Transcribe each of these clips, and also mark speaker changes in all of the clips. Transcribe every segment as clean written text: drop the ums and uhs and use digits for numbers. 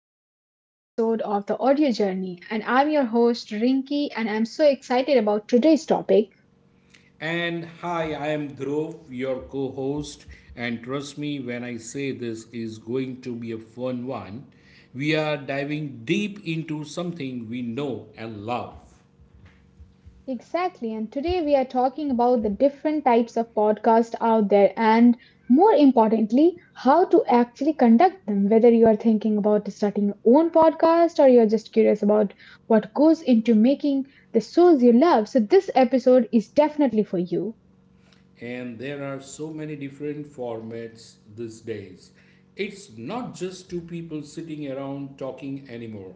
Speaker 1: to the another episode of the Audio Journey. And I'm your host, Rinki, and I'm so excited about today's topic.
Speaker 2: And hi, I am Dhruv, your co host. And trust me when I say this is going to be a fun one. We are diving deep into something we know and love.
Speaker 1: Exactly, and today we are talking about the different types of podcasts out there, and more importantly, how to actually conduct them. Whether you are thinking about starting your own podcast or you're just curious about what goes into making the shows you love, so this episode is definitely for you.
Speaker 2: And there are so many different formats these days. It's not just two people sitting around talking anymore.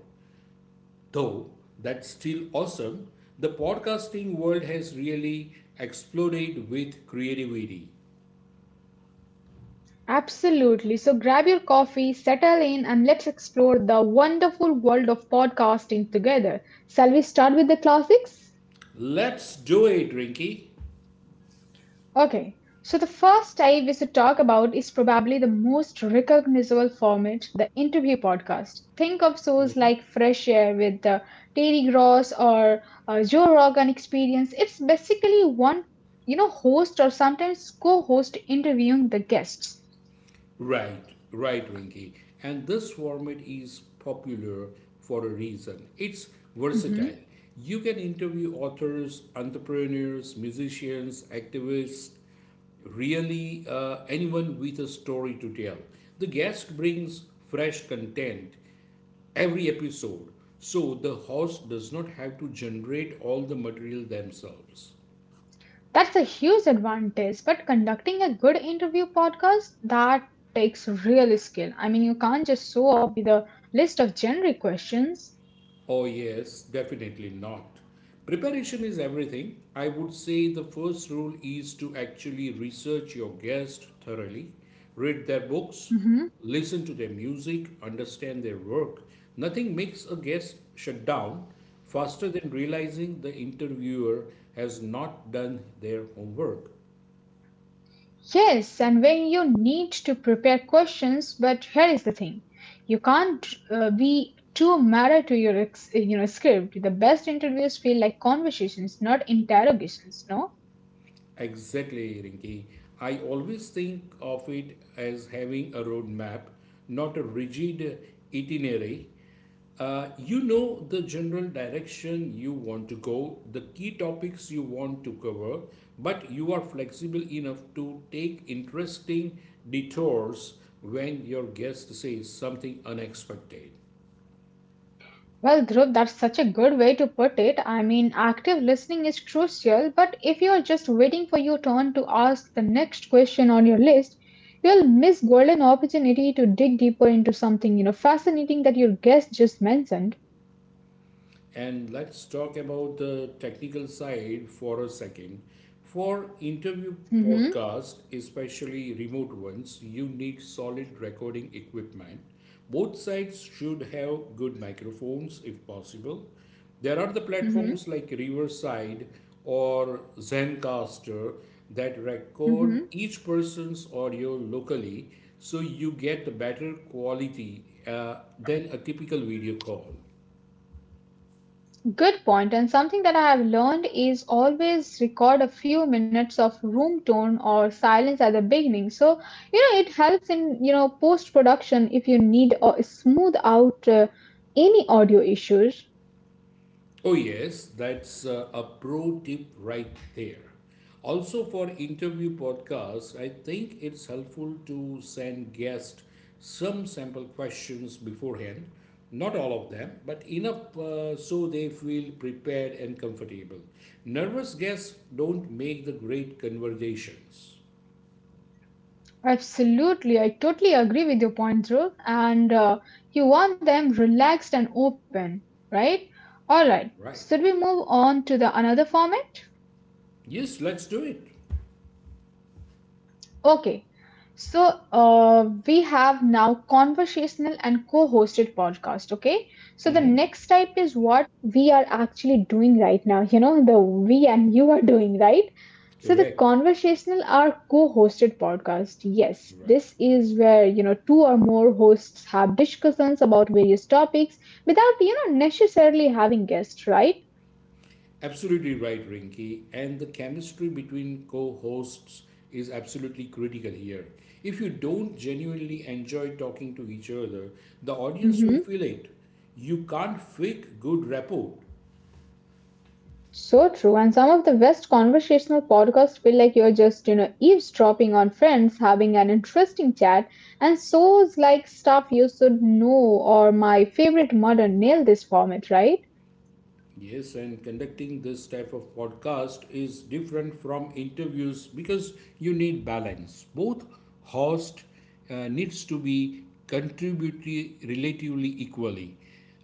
Speaker 2: Though that's still awesome, the podcasting world has really exploded with creativity.
Speaker 1: Absolutely. So grab your coffee, settle in, and let's explore the wonderful world of podcasting together. Shall we start with the classics?
Speaker 2: Let's do it, Rinky.
Speaker 1: Okay. So the first type is to talk about is probably the most recognizable format, the interview podcast. Think of shows like Fresh Air with Terry Gross or Joe Rogan Experience. It's basically one, host or sometimes co-host interviewing the guests.
Speaker 2: Right, right, Rinky. And this format is popular for a reason. It's
Speaker 1: Mm-hmm.
Speaker 2: versatile. You can interview authors, entrepreneurs, musicians, activists, really anyone with a story to tell. The guest brings fresh content every episode, so the host does not have to generate all the material themselves.
Speaker 1: That's a huge advantage, but conducting a good interview podcast that takes real skill. I mean, you can't just show up with a list of generic questions.
Speaker 2: Oh, yes, definitely not. Preparation is everything. I would say the first rule is to actually research your guest thoroughly, read their books,
Speaker 1: Mhm.
Speaker 2: listen to their music, understand their work. Nothing makes a guest shut down faster than realizing the interviewer has not done their homework.
Speaker 1: Yes, and when you need to prepare questions, but here is the thing: you can't be too married to your script. The best interviews feel like conversations, not interrogations. No.
Speaker 2: Exactly, Rinki. I always think of it as having a roadmap, not a rigid itinerary. You know, the general direction you want to go, the key topics you want to cover, but you are flexible enough to take interesting detours when your guest says something unexpected.
Speaker 1: Well, Dhruv, that's such a good way to put it. I mean, active listening is crucial, but if you're just waiting for your turn to ask the next question on your list, you'll miss golden opportunity to dig deeper into something, fascinating that your guest just mentioned.
Speaker 2: And let's talk about the technical side for a second. For interview
Speaker 1: hmm
Speaker 2: podcasts, especially remote ones, you need solid recording equipment. Both sides should have good microphones if possible. There are the
Speaker 1: hmm
Speaker 2: platforms like Riverside or Zencaster that record
Speaker 1: hmm
Speaker 2: each person's audio locally, so you get better quality than a typical video call.
Speaker 1: Good point, and something that I have learned is always record a few minutes of room tone or silence at the beginning. So, it helps in, post production if you need or smooth out any audio issues.
Speaker 2: Oh, yes, that's a pro tip right there. Also, for interview podcasts, I think it's helpful to send guests some sample questions beforehand. Not all of them, but enough so they feel prepared and comfortable. Nervous guests don't make the great conversations.
Speaker 1: Absolutely, I totally agree with your point, Dhruv. And you want them relaxed and open, right? All right.
Speaker 2: Right.
Speaker 1: Should we move on to the another format?
Speaker 2: Yes, let's do it.
Speaker 1: Okay, so we have now conversational and co-hosted podcast. Okay, so the
Speaker 2: hmm
Speaker 1: next type is what we are actually doing right now. You know, the we and you are doing right. So the
Speaker 2: Correct.
Speaker 1: conversational are co-hosted podcast. Yes,
Speaker 2: Right.
Speaker 1: this is where you know two or more hosts have discussions about various topics without you know necessarily having guests, right?
Speaker 2: Absolutely right, Rinky. And the chemistry between co hosts is absolutely critical here. If you don't genuinely enjoy talking to each other, the audience will
Speaker 1: Mm-hmm.
Speaker 2: feel it. You can't fake good rapport.
Speaker 1: So true, and some of the best conversational podcasts feel like you're just, eavesdropping on friends, having an interesting chat, and shows like stuff you should know or my favorite murder nail this format, right?
Speaker 2: Yes, and conducting this type of podcast is different from interviews because you need balance. Both host needs to be contributory relatively equally.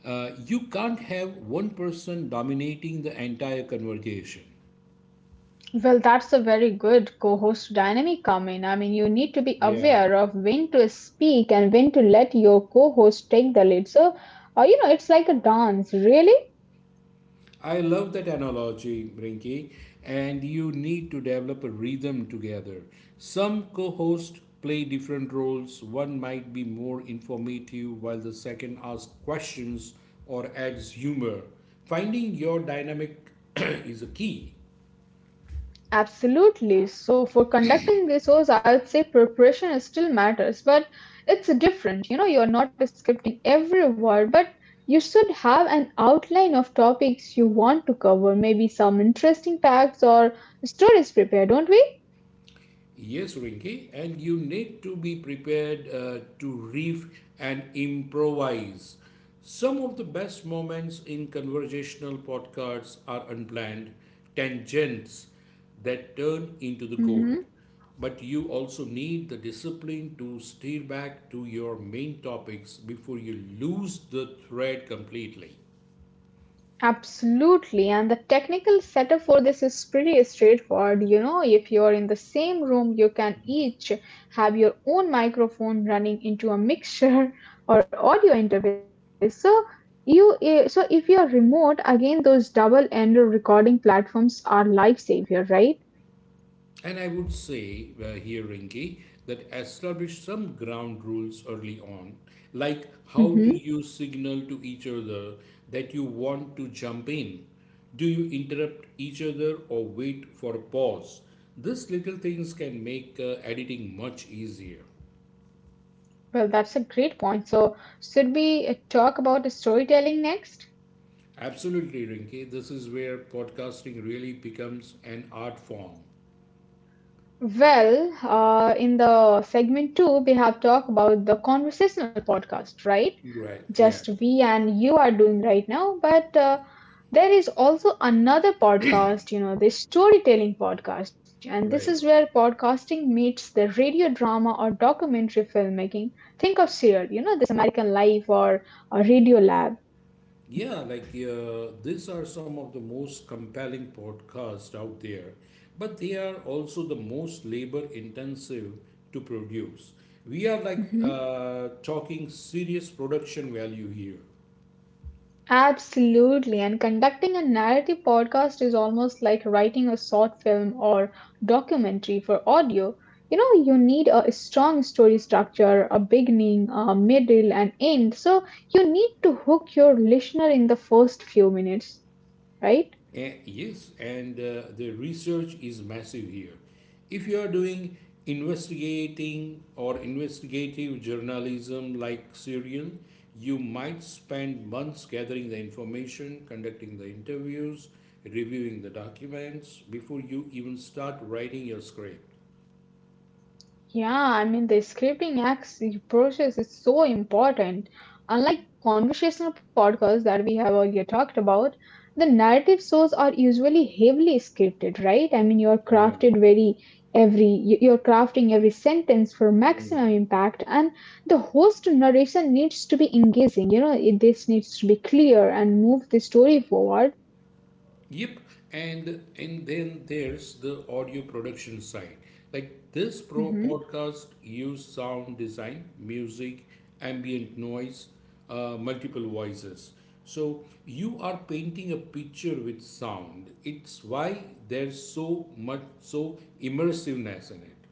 Speaker 2: You can't have one person dominating the entire conversation.
Speaker 1: Well, that's a very good co-host dynamic come in. I mean, you need to be
Speaker 2: Yeah.
Speaker 1: aware of when to speak and when to let your co-host take the lead. So, it's like a dance, really.
Speaker 2: I love that analogy, Rinky. And you need to develop a rhythm together. Some co hosts play different roles. One might be more informative, while the second asks questions or adds humor. Finding your dynamic is a key.
Speaker 1: Absolutely. So for conducting this, shows, I would say preparation is still matters, but it's different. You know, you're not scripting every word, but you should have an outline of topics you want to cover, maybe some interesting facts or stories prepared, don't we?
Speaker 2: Yes, Rinki, and you need to be prepared to riff and improvise. Some of the best moments in conversational podcasts are unplanned tangents that turn into the gold.
Speaker 1: Mhm.
Speaker 2: But you also need the discipline to steer back to your main topics before you lose the thread completely.
Speaker 1: Absolutely, and the technical setup for this is pretty straightforward. You know, if you're in the same room, you can each have your own microphone running into a mixer or audio interface. So so if you're remote, again, those double-ended recording platforms are lifesaver, right?
Speaker 2: And I would say here, Rinki, that establish some ground rules early on, like how do you
Speaker 1: hmm
Speaker 2: signal to each other that you want to jump in? Do you interrupt each other or wait for a pause? These little things can make editing much easier.
Speaker 1: Well, that's a great point. So should we talk about storytelling next?
Speaker 2: Absolutely, Rinki. This is where podcasting really becomes an art form.
Speaker 1: Well, in the segment two, we have talked about the conversational podcast, right?
Speaker 2: Right. Yeah.
Speaker 1: Just we and you are doing right now. But there is also another podcast, the storytelling podcast. And this
Speaker 2: Right.
Speaker 1: is where podcasting meets the radio drama or documentary filmmaking. Think of Serial, this American Life or Radio Lab.
Speaker 2: Yeah, like these are some of the most compelling podcasts out there, but they are also the most labor intensive to produce. We are like
Speaker 1: Mm-hmm.
Speaker 2: uh, talking serious production value here.
Speaker 1: Absolutely, and conducting a narrative podcast is almost like writing a short film or documentary for audio. You know, you need a strong story structure, a beginning, a middle, and end. So you need to hook your listener in the first few minutes, right?
Speaker 2: Yes, and the research is massive here. If you are doing investigating or investigative journalism like Serial, you might spend months gathering the information, conducting the interviews, reviewing the documents before you even start writing your script.
Speaker 1: Yeah, I mean, the scripting acts process is so important. Unlike conversational podcasts that we have earlier talked about, the narrative shows are usually heavily scripted, right? I mean, you're
Speaker 2: Yeah.
Speaker 1: crafted very every you- you're crafting every sentence for
Speaker 2: Mm.
Speaker 1: maximum impact, and the host narration needs to be engaging. You know, this needs to be clear and move the story forward.
Speaker 2: Yep, and then there's the audio production side. Like this pro podcast use sound design, music, ambient noise, multiple voices. So you are painting a picture with sound. It's why there's so much so immersiveness in it.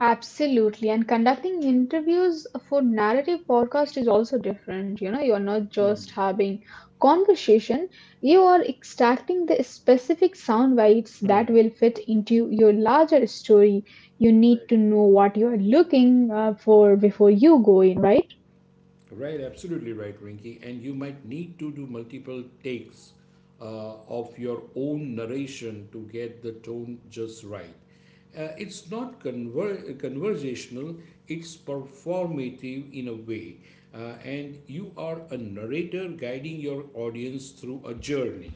Speaker 1: Absolutely. And conducting interviews for narrative podcast is also different. You know, you're not just having conversation, you are extracting the specific sound bites that will fit into your larger story. You need to know what you're looking for before you go in, right?
Speaker 2: Right, absolutely right, Rinky. And you might need to do multiple takes of your own narration to get the tone just right. It's not conversational, it's
Speaker 1: Absolutely.
Speaker 2: performative in a way. And you are a narrator guiding your audience through a journey.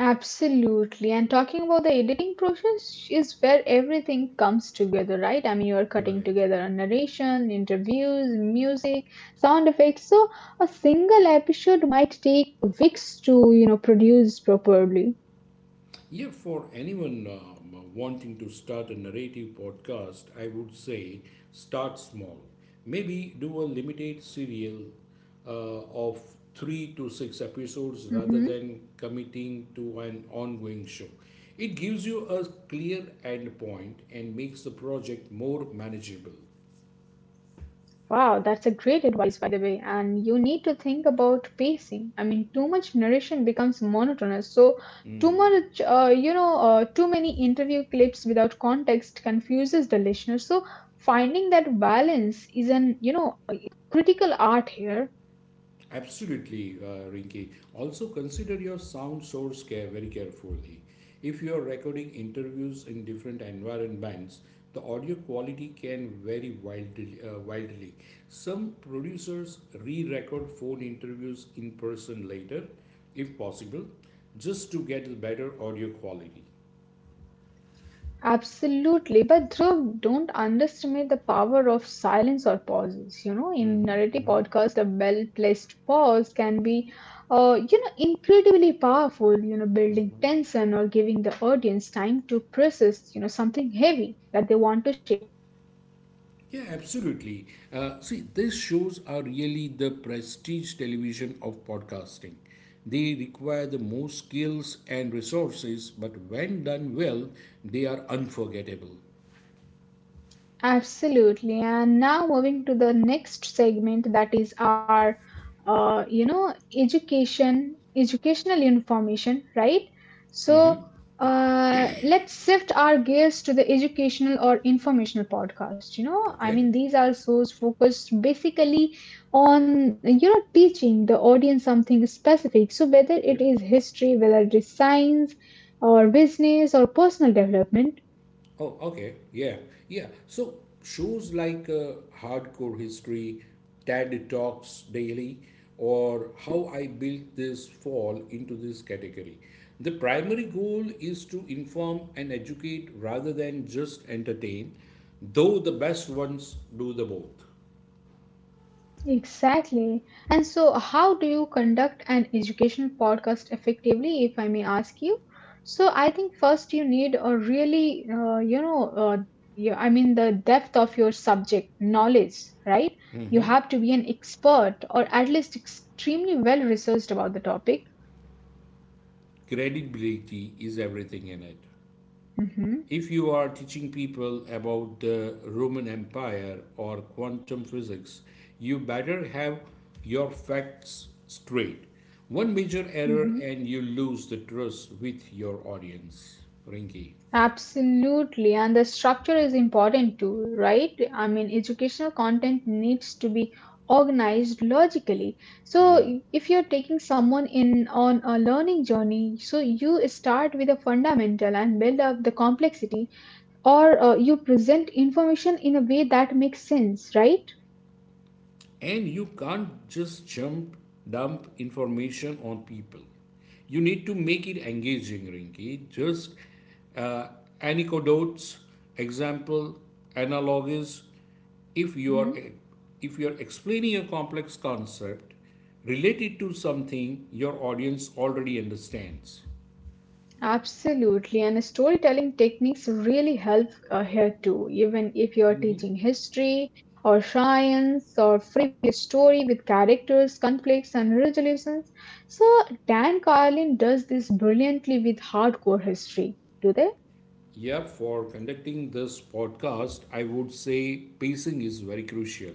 Speaker 1: Absolutely. And talking about the editing process is where everything comes together, right? I mean, you're cutting
Speaker 2: Right.
Speaker 1: together a narration, interviews, music, sound effects. So a single episode might take weeks to, produce properly.
Speaker 2: Yeah, for anyone wanting to start a narrative podcast, I would say start small. Maybe do a limited serial of three to six episodes rather
Speaker 1: Mhm.
Speaker 2: than committing to an ongoing show. It gives you a clear end point and makes the project more manageable.
Speaker 1: Wow, that's a great advice, by the way. And you need to think about pacing. I mean, too much narration becomes monotonous. So, too much, you know, too many interview clips without context confuses the listener. So, finding that balance is an, a critical art here.
Speaker 2: Absolutely, Rinki. Also, consider your sound source care very carefully. If you are recording interviews in different environments, the audio quality can vary wildly. Some producers re-record phone interviews in person later, if possible, just to get better audio quality.
Speaker 1: Absolutely. But Dhruv, don't underestimate the power of silence or pauses. You know, in
Speaker 2: Hmm.
Speaker 1: narrative podcasts, a well-placed pause can be, incredibly powerful, building tension or giving the audience time to process, something heavy that they want to share.
Speaker 2: Yeah, absolutely. See, these shows are really the prestige television of podcasting. They require the most skills and resources, but when done well, they are unforgettable.
Speaker 1: Absolutely. And now moving to the next segment, that is our educational information, right? So uh, let's shift our gears to the educational or informational podcast, I mean
Speaker 2: Okay?
Speaker 1: these are so focused basically on teaching the audience something specific, so whether it
Speaker 2: Okay?
Speaker 1: is history, whether it is science or business or personal development.
Speaker 2: Oh, okay. Yeah. Yeah. So shows like Hardcore History, TED Talks Daily, or How
Speaker 1: Mm-hmm.
Speaker 2: I Built This fall into this category. The primary goal is to inform and educate rather than just entertain, though the best ones do the both.
Speaker 1: Exactly. And so, how do you conduct an education podcast effectively, if I may ask you? So, I think first you need a really, I mean, the depth of your subject knowledge, right? You have to be an expert or at least extremely well researched about the topic.
Speaker 2: Credibility is everything in it.
Speaker 1: Mhm.
Speaker 2: If you are teaching people about the Roman Empire or quantum physics, you better have your facts straight. One major error and you lose the trust with your audience, Rinki.
Speaker 1: Absolutely, and the structure is important too, right? I mean, educational content needs to be organized logically.
Speaker 2: Yeah.
Speaker 1: So, if you're taking someone in on a learning journey, so you start with a fundamental and build up the complexity, or you present information in a way that makes sense, right?
Speaker 2: And you can't just jump dump information on people. You need to make it engaging, rinky just uh, anecdotes, example, analogies. if you are
Speaker 1: Mhm.
Speaker 2: if you are explaining a complex concept, related to something your audience already understands.
Speaker 1: Absolutely, and storytelling techniques really help here too. Even if you're teaching history or science or frame a story with characters, conflicts, and resolutions. So, Dan Carlin does this brilliantly with hardcore history, do they?
Speaker 2: Yeah, for conducting this podcast, I would say pacing is very crucial.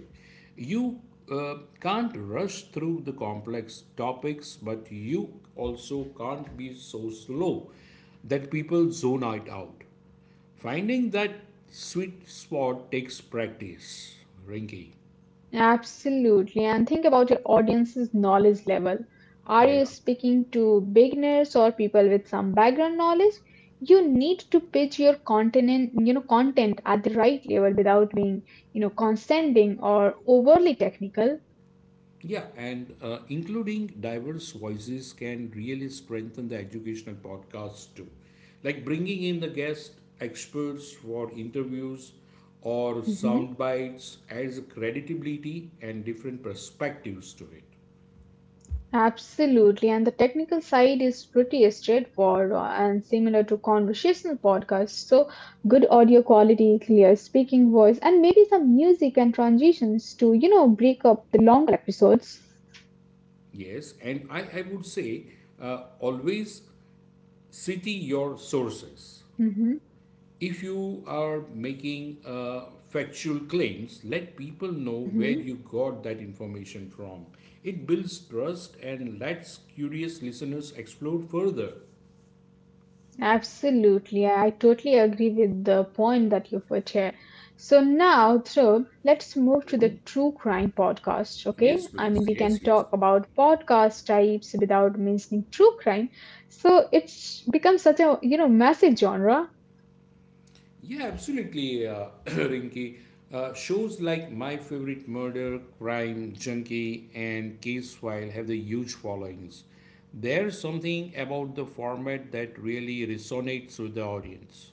Speaker 2: You can't rush through the complex topics, but you also can't be so slow that people zone it out. Finding that sweet spot takes practice, Rinky.
Speaker 1: Absolutely. And think about your audience's knowledge level. Are
Speaker 2: Yeah.
Speaker 1: you speaking to beginners or people with some background knowledge? You need to pitch your content, at the right level without being, condescending or overly technical.
Speaker 2: Yeah, and including diverse voices can really strengthen the educational podcast too. Like bringing in the guest experts for interviews or sound
Speaker 1: Mhm.
Speaker 2: bites adds credibility and different perspectives to it.
Speaker 1: Absolutely, and the technical side is pretty straightforward and similar to conversational podcasts. So, good audio quality, clear speaking voice, and maybe some music and transitions to, break up the longer episodes.
Speaker 2: Yes, and I would say always cite your sources.
Speaker 1: hmm
Speaker 2: If you are making factual claims, let people know where
Speaker 1: hmm
Speaker 2: you got that information from. It builds trust and lets curious listeners explore further.
Speaker 1: Absolutely. I totally agree with the point that you put here. So now, Dhruv, let's move to the true crime podcast, okay?
Speaker 2: Yes,
Speaker 1: I
Speaker 2: please.
Speaker 1: mean, we
Speaker 2: Yes,
Speaker 1: can
Speaker 2: yes.
Speaker 1: talk about podcast types without mentioning true crime. So it's become such a, massive genre.
Speaker 2: Yeah, absolutely, Rinky. Shows like My Favorite Murder, Crime, Junkie, and Case File have the huge followings. There's something about the format that really resonates with the audience.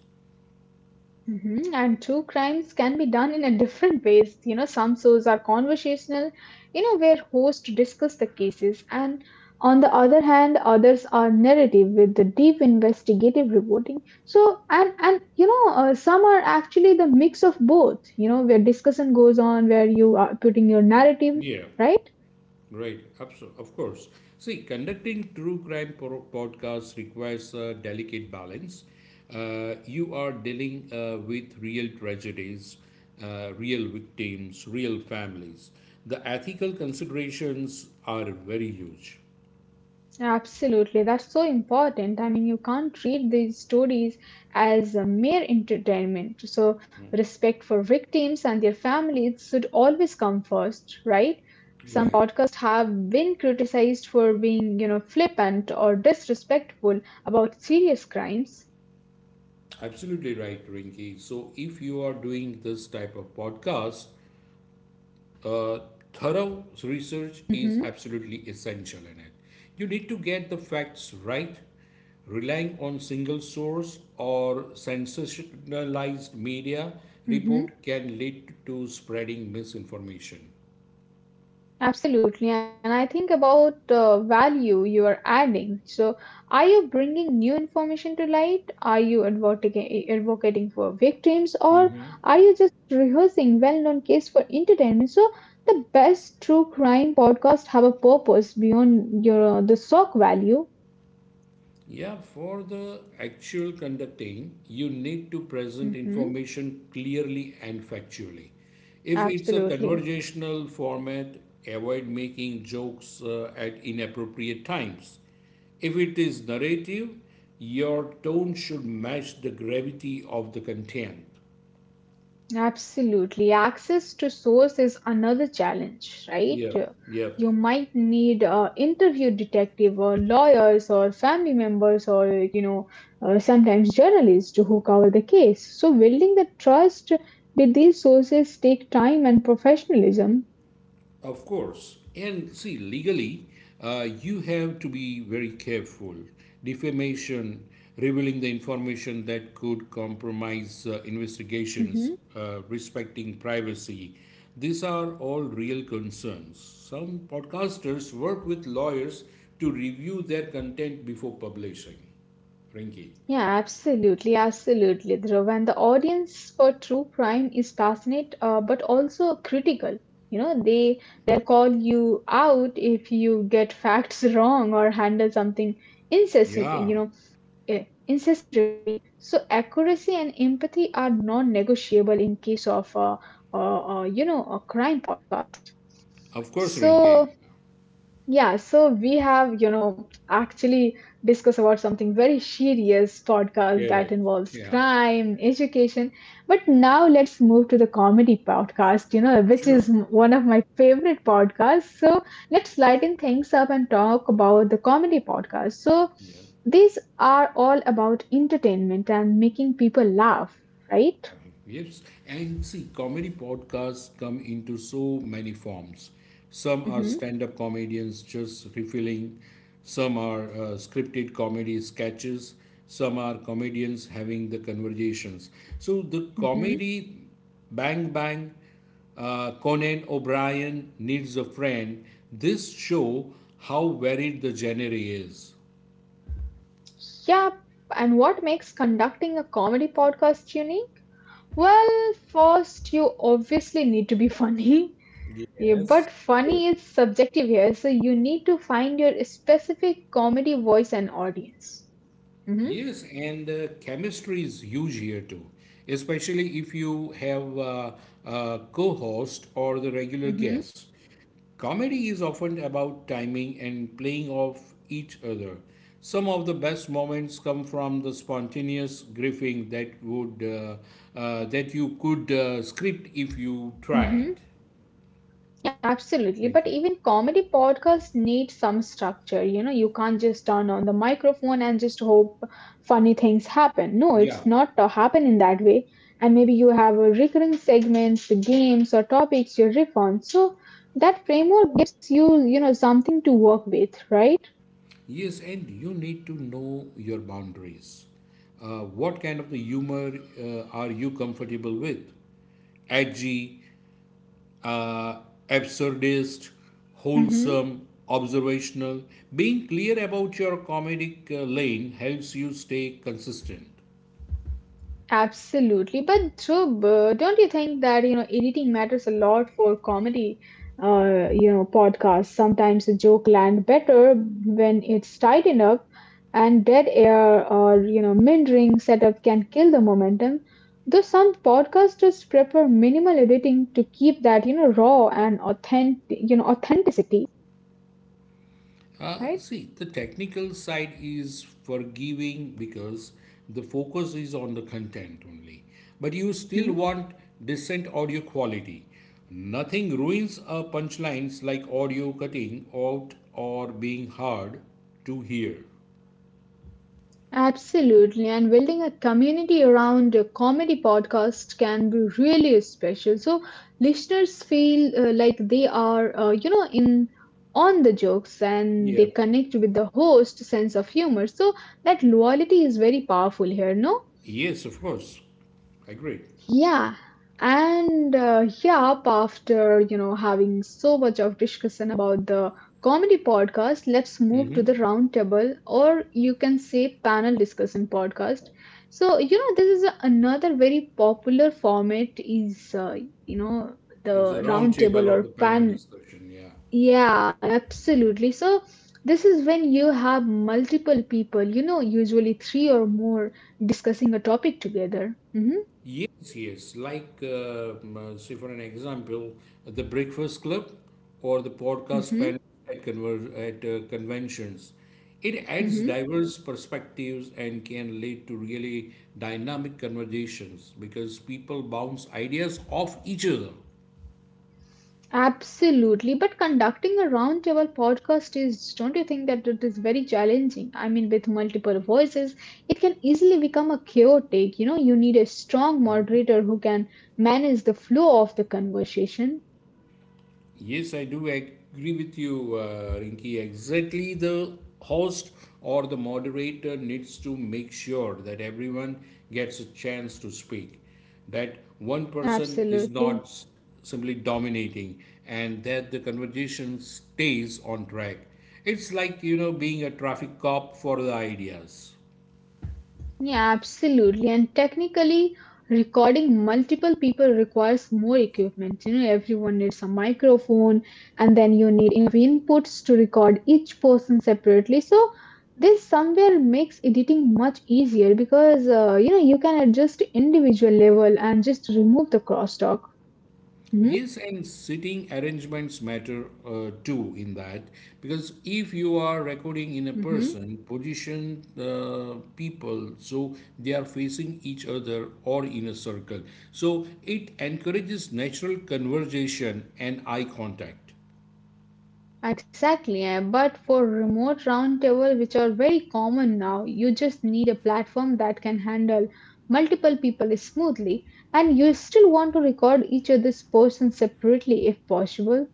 Speaker 1: Mhm. And true crimes can be done in a different ways. You know, some shows are conversational, where hosts discuss the cases, and on the other hand, others are narrative with the deep investigative reporting. So, some are actually the mix of both. You know, where discussion goes on, where you are putting your narrative,
Speaker 2: Yeah.
Speaker 1: right?
Speaker 2: Right, of course. See, conducting true crime podcasts requires a delicate balance. You are dealing with real tragedies, real victims, real families. The ethical considerations are very huge.
Speaker 1: Absolutely, that's so important. I mean, you can't treat these stories as a mere entertainment. So, respect for victims and their families should always come first, right?
Speaker 2: Right.
Speaker 1: Podcasts have been criticized for being, flippant or disrespectful about serious crimes.
Speaker 2: Absolutely right, Rinki. So, if you are doing this type of podcast, uh, thorough research is
Speaker 1: hmm
Speaker 2: absolutely essential in it. You need to get the facts right. Relying on single source or sensationalized media
Speaker 1: hmm
Speaker 2: report can lead to spreading misinformation.
Speaker 1: Absolutely, and I think about the value you are adding. So, are you bringing new information to light? Are you advocating for victims, or are you just rehearsing well-known case for entertainment? So, the best true crime podcast have a purpose beyond your the shock value.
Speaker 2: Yeah, for the actual conducting, you need to present
Speaker 1: hmm
Speaker 2: information clearly and factually. If it's a
Speaker 1: Absolutely.
Speaker 2: conversational format, avoid making jokes at inappropriate times. If it is narrative, your tone should match the gravity of the content.
Speaker 1: Absolutely. Access to source is another challenge, right?
Speaker 2: Yeah, yeah.
Speaker 1: You might need a interview detective or lawyers or family members or, you know, sometimes journalists who cover the case. So building the trust with these sources take time and professionalism.
Speaker 2: Of course. And see, legally, you have to be very careful. Defamation, revealing the information that could compromise
Speaker 1: Mm-hmm.
Speaker 2: investigations, respecting privacy, these are all real concerns. Some podcasters work with lawyers to review their content before publishing, Rinki.
Speaker 1: Yeah, absolutely, Dhruv. And the audience for true crime is passionate, but also critical. You know, they'll call you out if you get facts wrong or handle something incessant,
Speaker 2: Yeah,
Speaker 1: you know, eh, insensitively. So accuracy and empathy are non-negotiable in case of, a crime podcast.
Speaker 2: of course,
Speaker 1: So.
Speaker 2: Rinki.
Speaker 1: Yeah, so we have, actually discussed about something very serious podcast
Speaker 2: Get
Speaker 1: that
Speaker 2: it.
Speaker 1: involves
Speaker 2: Yeah,
Speaker 1: crime and education. But now let's move to the comedy podcast, you know, which
Speaker 2: sure.
Speaker 1: is one of my favorite podcasts. So let's lighten things up and talk about the comedy podcast. So
Speaker 2: Yeah.
Speaker 1: these are all about entertainment and making people laugh, right?
Speaker 2: Yes, and see, comedy podcasts come into so many forms. Some are
Speaker 1: Mm-hmm,
Speaker 2: stand up comedians just refilling, some are scripted comedy sketches, some are comedians having the conversations. So the
Speaker 1: mm-hmm.
Speaker 2: Comedy Bang Bang, Conan O'Brien Needs a Friend, this show how varied the genre is.
Speaker 1: Yeah, and what makes conducting a comedy podcast unique? Well, first, you obviously need to be funny. Yeah, but funny is subjective here, so you need to find your specific comedy voice and audience. Mm-hmm,
Speaker 2: Yes, and chemistry is huge here too, especially if you have a co-host or the regular
Speaker 1: mm-hmm,
Speaker 2: guest. Comedy is often about timing and playing off each other. Some of the best moments come from the spontaneous griefing that would that you could script if you
Speaker 1: mm-hmm.
Speaker 2: tried.
Speaker 1: Absolutely.
Speaker 2: Thank
Speaker 1: But
Speaker 2: you.
Speaker 1: even comedy podcasts need some structure. You know, you can't just turn on the microphone and just hope funny things happen. No,
Speaker 2: Yeah.
Speaker 1: it's not happen in that way. And maybe you have a recurring segments, games or topics you riff on. So that framework gives you, you know, something to work with, right?
Speaker 2: Yes, and you need to know your boundaries. What kind of the humor are you comfortable with? Edgy, uh, absurdist,
Speaker 1: Mm-hmm.
Speaker 2: wholesome, observational. Being clear about your comedic lane helps you stay consistent.
Speaker 1: Absolutely, but Dhruv, don't you think that you know editing matters a lot for comedy, you know, podcasts? Sometimes a joke land better when it's tight enough, and dead air or you know mendering setup can kill the momentum. Though some podcasters prefer minimal editing to keep that you know raw and authentic, you know, authenticity, right?
Speaker 2: See, the technical side is forgiving because the focus is on the content only. But you still
Speaker 1: Mm-hmm.
Speaker 2: want decent audio quality. Nothing ruins a punchlines like audio cutting out or being hard to hear.
Speaker 1: Absolutely, and building a community around a comedy podcast can be really special. So listeners feel like they are, you know, in on the jokes and
Speaker 2: Yeah.
Speaker 1: they connect with the host's sense of humor. So that loyalty is very powerful here, no?
Speaker 2: Yes, of course. Agreed.
Speaker 1: Yeah, and after you know having so much of discussion about the comedy podcast, let's
Speaker 2: Agree.
Speaker 1: move to
Speaker 2: Mm-hmm.
Speaker 1: the round table, or you can say panel discussion podcast. So you know this is another very popular format is you know
Speaker 2: It's a
Speaker 1: the round
Speaker 2: round table
Speaker 1: table
Speaker 2: or
Speaker 1: or
Speaker 2: the panel
Speaker 1: panel.
Speaker 2: discussion. Yeah.
Speaker 1: Yeah, absolutely. So this is when you have multiple people, you know, usually three or more discussing a topic together. Hmm
Speaker 2: Yes, yes. Like, say, for an example, the Breakfast Club or the podcast
Speaker 1: hmm
Speaker 2: panel at, at conventions. It adds
Speaker 1: hmm.
Speaker 2: diverse perspectives and can lead to really dynamic conversations because people bounce ideas off each other.
Speaker 1: Absolutely. But conducting a roundtable podcast is, don't you think that it is very challenging? I mean, with multiple voices, it can easily become a chaotic. You know, you need a strong moderator who can manage the flow of the conversation.
Speaker 2: Yes, I do agree with you, Rinki. Exactly, the host or the moderator needs to make sure that everyone gets a chance to speak, that one person is not
Speaker 1: Absolutely.
Speaker 2: simply dominating, and that the conversation stays on track. It's like, being a traffic cop for the ideas.
Speaker 1: Yeah, absolutely. And technically, recording multiple people requires more equipment. You know, everyone needs a microphone, and then you need enough inputs to record each person separately. So, this somewhere makes editing much easier because you know you can adjust individual level and just remove the crosstalk. Mm-hmm.
Speaker 2: Yes, and sitting arrangements matter too in that, because if you are recording in a
Speaker 1: Mm-hmm.
Speaker 2: person, position the people so they are facing each other or in a circle. So it encourages natural conversation and eye contact.
Speaker 1: Exactly, but for remote roundtable, which are very common now, you just need a platform that can handle multiple people smoothly, and you still want to record each other's person separately if possible.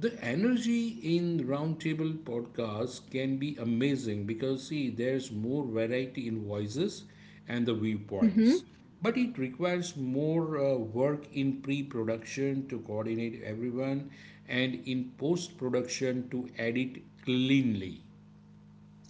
Speaker 2: The energy in roundtable podcasts can be amazing because, see, there's more variety in voices and the viewpoints.
Speaker 1: Mhm.
Speaker 2: But it requires more work in pre production to coordinate everyone and in post production to edit cleanly.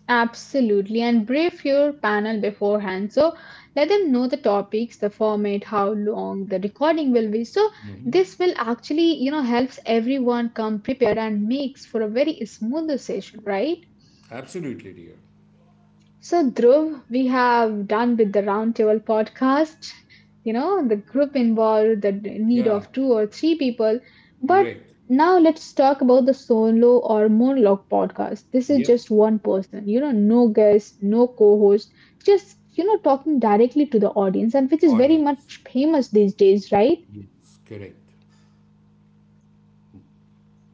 Speaker 1: Absolutely, and brief your panel beforehand. So let them know the topics, the format, how long the recording will be. So this will actually, you know, helps everyone come prepared and makes for a very smoother session, right?
Speaker 2: Absolutely, dear.
Speaker 1: So, Dhruv, we have done with the Roundtable podcast. You know, the group involved the need
Speaker 2: Yeah,
Speaker 1: of two or three people. But
Speaker 2: correct.
Speaker 1: now let's talk about the solo or monologue podcast. This is
Speaker 2: Yep,
Speaker 1: just one person, you know, no guest, no co host, just, you know, talking directly to the audience, and which is very
Speaker 2: audience.
Speaker 1: much famous these days, right?
Speaker 2: Yes, correct.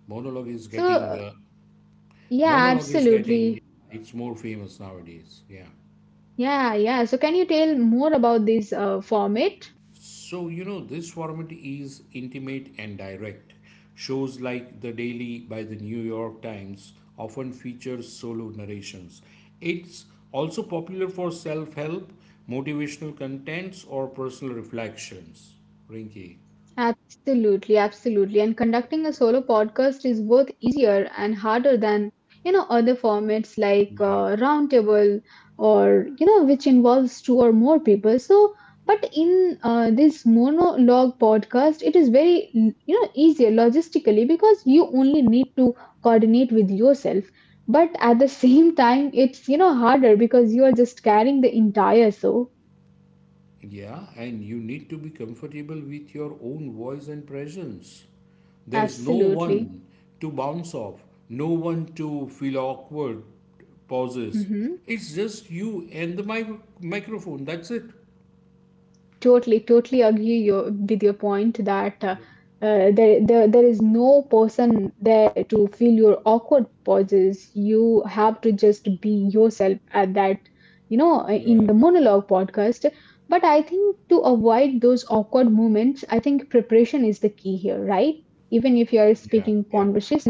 Speaker 2: Monologue is getting,
Speaker 1: So,
Speaker 2: uh,
Speaker 1: yeah,
Speaker 2: monologue is
Speaker 1: absolutely.
Speaker 2: getting, it's more famous nowadays. Yeah.
Speaker 1: Yeah, yeah. So, can you tell more about this format?
Speaker 2: So, this format is intimate and direct. Shows like The Daily by the New York Times often feature solo narrations. It's also popular for self help, motivational contents, or personal reflections. Rinky.
Speaker 1: Absolutely, absolutely. And conducting a solo podcast is both easier and harder than, you know, other formats like
Speaker 2: Yeah,
Speaker 1: roundtable or, you know, which involves two or more people. So, but in this monologue podcast, it is very, you know, easier logistically because you only need to coordinate with yourself. But at the same time, it's, you know, harder because you are just carrying the entire show.
Speaker 2: yeah, and you need to be comfortable with your own voice and presence. There's no
Speaker 1: Absolutely.
Speaker 2: one to bounce off, no one to feel awkward, pauses.
Speaker 1: Mhm.
Speaker 2: It's just you and the microphone. That's it.
Speaker 1: Totally, with your point that there is no person there to fill your awkward pauses. You have to just be yourself at that, you know, in
Speaker 2: Yeah,
Speaker 1: the monologue podcast. But I think to avoid those awkward moments, I think preparation is the key here, right? Even if you are
Speaker 2: yeah,
Speaker 1: speaking
Speaker 2: yeah.
Speaker 1: conversation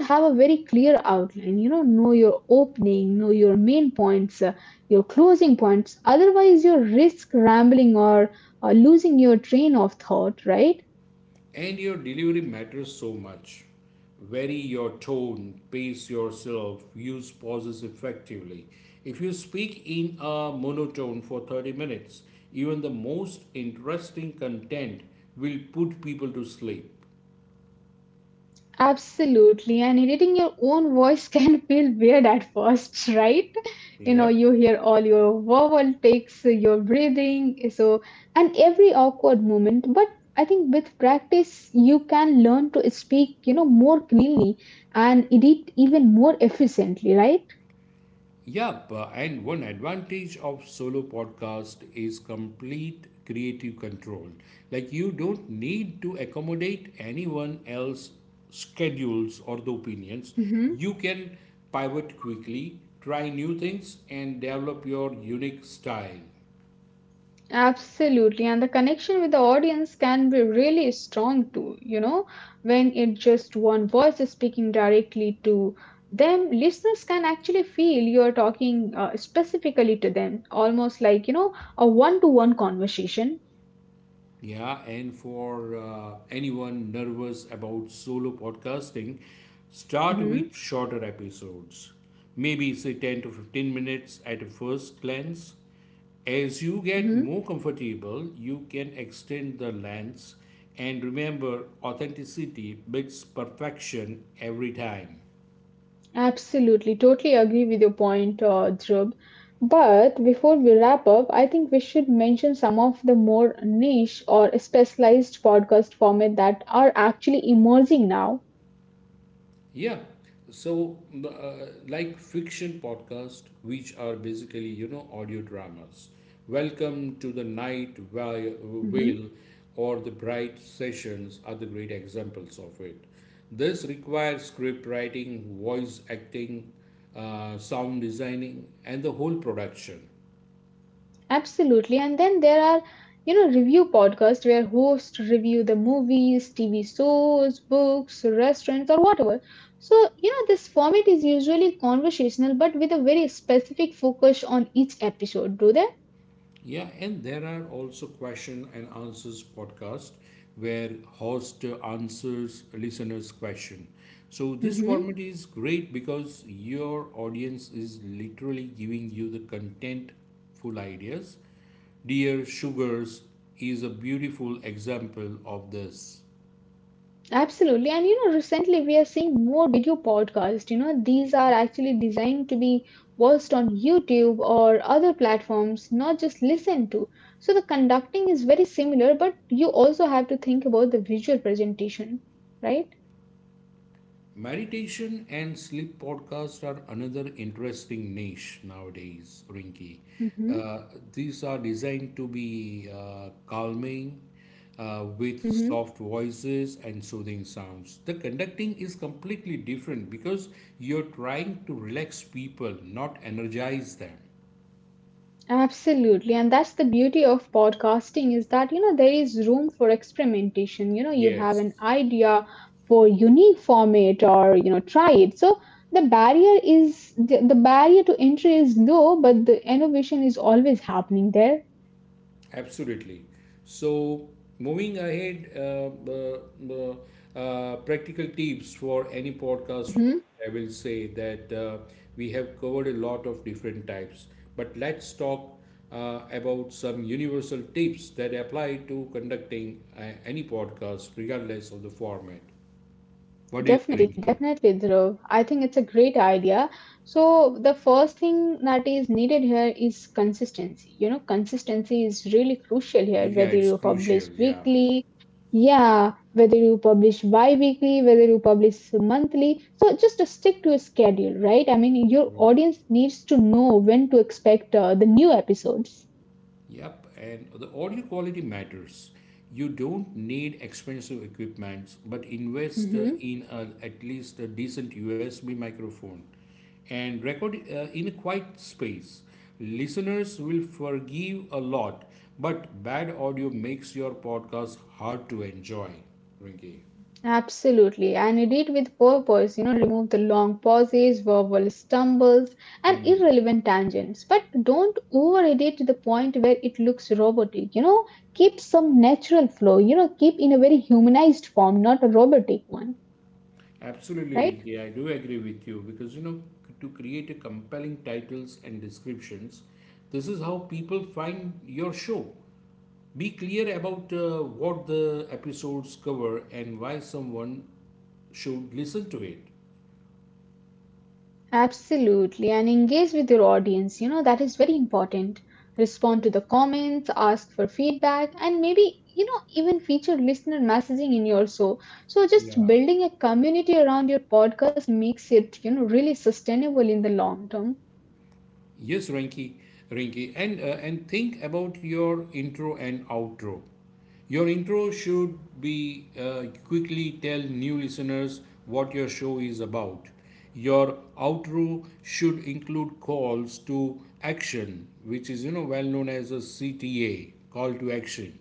Speaker 1: you should have a very clear outline, you know your opening, know your main points, your closing points, otherwise you risk rambling or losing your train of thought, right?
Speaker 2: And your delivery matters so much. Vary your tone, pace yourself, use pauses effectively. If you speak in a monotone for 30 minutes, even the most interesting content will put people to sleep.
Speaker 1: Absolutely, and editing your own voice can feel weird at first, right? You know
Speaker 2: Yep.
Speaker 1: you hear all your vowel takes your breathing, so and every awkward moment, but I think with practice you can learn to speak, you know, more clearly and edit even more efficiently, right?
Speaker 2: Yep, and one advantage of solo podcast is complete creative control. Like, you don't need to accommodate anyone else's schedules or the opinions. You can pivot quickly, try new things, and develop your unique style.
Speaker 1: Absolutely, and the connection with the audience can be really strong too, you know, when it just one voice is speaking directly to them, listeners can actually feel you're talking specifically to them, almost like, you know, a one-to-one conversation.
Speaker 2: Yeah, and for anyone nervous about solo podcasting, start with
Speaker 1: Mm-hmm,
Speaker 2: shorter episodes. Maybe say 10 to 15 minutes at a first glance. As you get
Speaker 1: mm-hmm.
Speaker 2: more comfortable, you can extend the lengths and remember authenticity beats perfection every time.
Speaker 1: Absolutely, totally agree with your point, Dhruv. But before we wrap up, I think we should mention some of the more niche or specialized podcast format that are actually emerging now.
Speaker 2: Yeah. So, like fiction podcast, which are basically, audio dramas. Welcome to the
Speaker 1: Hmm.
Speaker 2: Whale or the Bright Sessions are the great examples of it. This requires script writing, voice acting, sound designing, and the whole production.
Speaker 1: Absolutely. And then there are, you know, review podcasts where hosts review the movies, TV shows, books, restaurants, or whatever. So, you know, this format is usually conversational, but with a very specific focus on each episode, do
Speaker 2: Yeah, and there are also question and answers podcast where host answers listeners' question. So this
Speaker 1: they?
Speaker 2: format is great because your audience is literally giving you the contentful ideas. Dear Sugars is a beautiful example of this.
Speaker 1: Absolutely. And you know, recently we are seeing more video podcasts. You know, these are actually designed to be watched on YouTube or other platforms, not just listened to. So the conducting is very similar, but you also have to think about the visual presentation, right?
Speaker 2: Meditation and sleep podcasts are another interesting niche nowadays, Rinki.
Speaker 1: Mm-hmm.
Speaker 2: Uh, these are designed to be calming, with
Speaker 1: Mm-hmm.
Speaker 2: soft voices and soothing sounds. The conducting is completely different because you're trying to relax people, not energize them.
Speaker 1: Absolutely. And that's the beauty of podcasting is that, you know, there is room for experimentation. You know, you have
Speaker 2: Yes.
Speaker 1: an idea for unique format or, you know, try it. So the barrier to entry is low, but the innovation is always happening there.
Speaker 2: Absolutely. So, moving ahead, the practical tips for any podcast,
Speaker 1: Mhm.
Speaker 2: I will say that we have covered a lot of different types, but let's talk about some universal tips that apply to conducting any podcast, regardless of the format. What do you think,
Speaker 1: Definitely,
Speaker 2: Rinki?
Speaker 1: definitely, Dhruv. I think it's a great idea. So the first thing that is needed here is consistency. You know, consistency is really crucial here,
Speaker 2: Yeah,
Speaker 1: whether
Speaker 2: it's
Speaker 1: you
Speaker 2: crucial.
Speaker 1: publish
Speaker 2: Yeah.
Speaker 1: weekly, yeah, whether you publish bi-weekly, whether you publish monthly. So just to stick to a schedule, right? I mean, your audience needs to know when to expect the new episodes.
Speaker 2: Yep, and the audio quality matters. You don't need expensive equipments, but invest
Speaker 1: Mm-hmm.
Speaker 2: in a, at least a decent USB microphone and record in a quiet space. Listeners will forgive a lot, but bad audio makes your podcast hard to enjoy, Rinki.
Speaker 1: Absolutely, and edit with purpose, you know, remove the long pauses, verbal stumbles, and irrelevant tangents. But don't over edit to the point where it looks robotic, you know, keep some natural flow, you know, keep in a very humanized form, not a robotic one,
Speaker 2: Absolutely,
Speaker 1: right?
Speaker 2: Rinki. I do agree with you because, you know, to create a compelling titles and descriptions, this is how people find your show. Be clear about what the episodes cover and why someone should listen to it.
Speaker 1: Absolutely, and engage with your audience. You know, that is very important. Respond to the comments, ask for feedback, and maybe, you know, even feature listener messaging in your show. So just
Speaker 2: Yeah.
Speaker 1: building a community around your podcast makes it, you know, really sustainable in the long term.
Speaker 2: Yes, Rinki, and think about your intro and outro. Your intro should be quickly tell new listeners what your show is about. Your outro should include calls to action, which is, you know, well known as a CTA, call to action,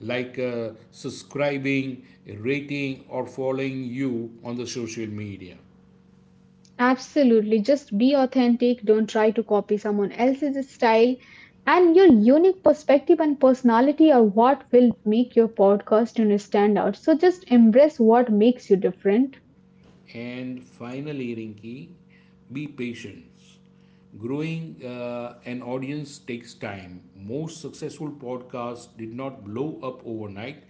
Speaker 2: like, subscribing, rating, or following you on the social media.
Speaker 1: Absolutely. Just be authentic. Don't try to copy someone else's style. And your unique perspective and personality are what will make your podcast, you know, stand out. So just embrace what makes you different.
Speaker 2: And finally, Rinki, be patient. Growing an audience takes time. Most successful podcasts did not blow up overnight.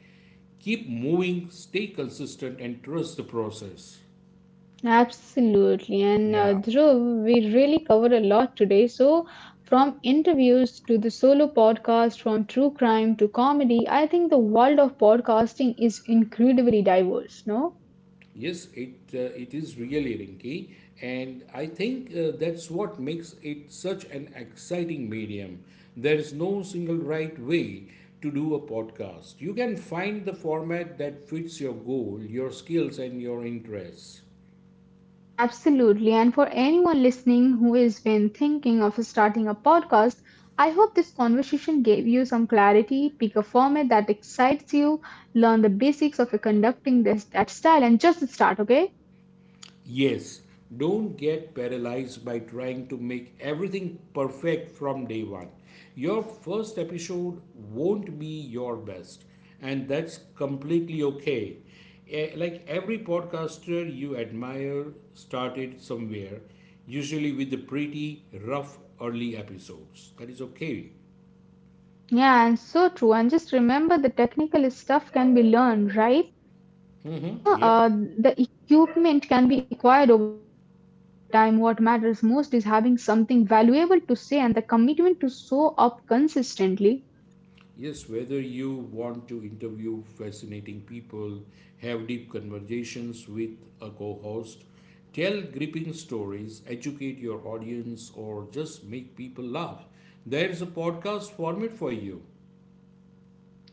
Speaker 2: Keep moving, stay consistent, and trust the process.
Speaker 1: Absolutely. And
Speaker 2: Yeah.
Speaker 1: Dhruv, we really covered a lot today. So, from interviews to the solo podcast, from true crime to comedy, I think the world of podcasting is incredibly diverse, no?
Speaker 2: Yes, it it is really Rinky, and I think that's what makes it such an exciting medium. There is no single right way to do a podcast. You can find the format that fits your goal, your skills, and your interests.
Speaker 1: Absolutely. And for anyone listening who has been thinking of starting a podcast, I hope this conversation gave you some clarity, pick a format that excites you, learn the basics of conducting this that style, and just start, okay?
Speaker 2: Yes, don't get paralyzed by trying to make everything perfect from day one. Your first episode won't be your best, and that's completely okay. Eh, like every podcaster you admire started somewhere, usually with the pretty rough early episodes. That is okay.
Speaker 1: Yeah, and so true. And just remember the technical stuff can be learned, right? You
Speaker 2: Mm-hmm.
Speaker 1: know,
Speaker 2: Yep.
Speaker 1: the equipment can be acquired over time. What matters most is having something valuable to say and the commitment to show up consistently.
Speaker 2: Yes, whether you want to interview fascinating people, have deep conversations with a co host, tell gripping stories, educate your audience, or just make people laugh, there's a podcast format for you.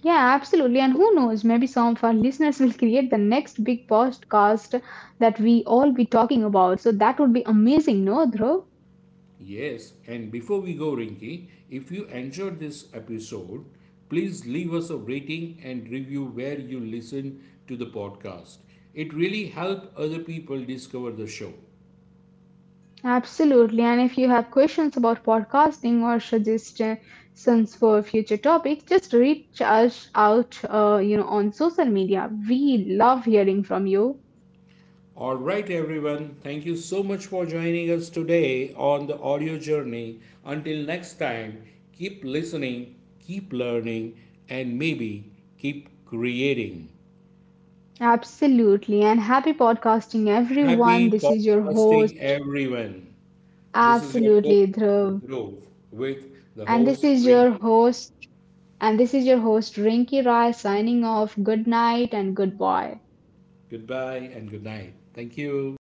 Speaker 1: Yeah, absolutely. And who knows, maybe some of our listeners will create the next big podcast that we all be talking about. So that would be amazing, no, Dhruv?
Speaker 2: Yes, and before we go, Rinky, if you enjoyed this episode, please leave us a rating and review where you listen to the podcast. It really helps other people discover the show.
Speaker 1: Absolutely. And if you have questions about podcasting or suggestions for future topics, just reach us out, you know, on social media. We love hearing from you.
Speaker 2: All right, everyone. Thank you so much for joining us today on the audio journey. Until next time, keep listening, keep learning, and maybe keep creating.
Speaker 1: Absolutely. And happy podcasting, everyone.
Speaker 2: Happy
Speaker 1: This is your host.
Speaker 2: podcasting, everyone. This is your co
Speaker 1: Absolutely,
Speaker 2: host,
Speaker 1: Dhruv.
Speaker 2: Dhruv, with the
Speaker 1: And this
Speaker 2: host,
Speaker 1: is your
Speaker 2: Rinky.
Speaker 1: host. And this is your host, Rinky Rai, signing off. Good night and goodbye.
Speaker 2: Goodbye and good night. Thank you.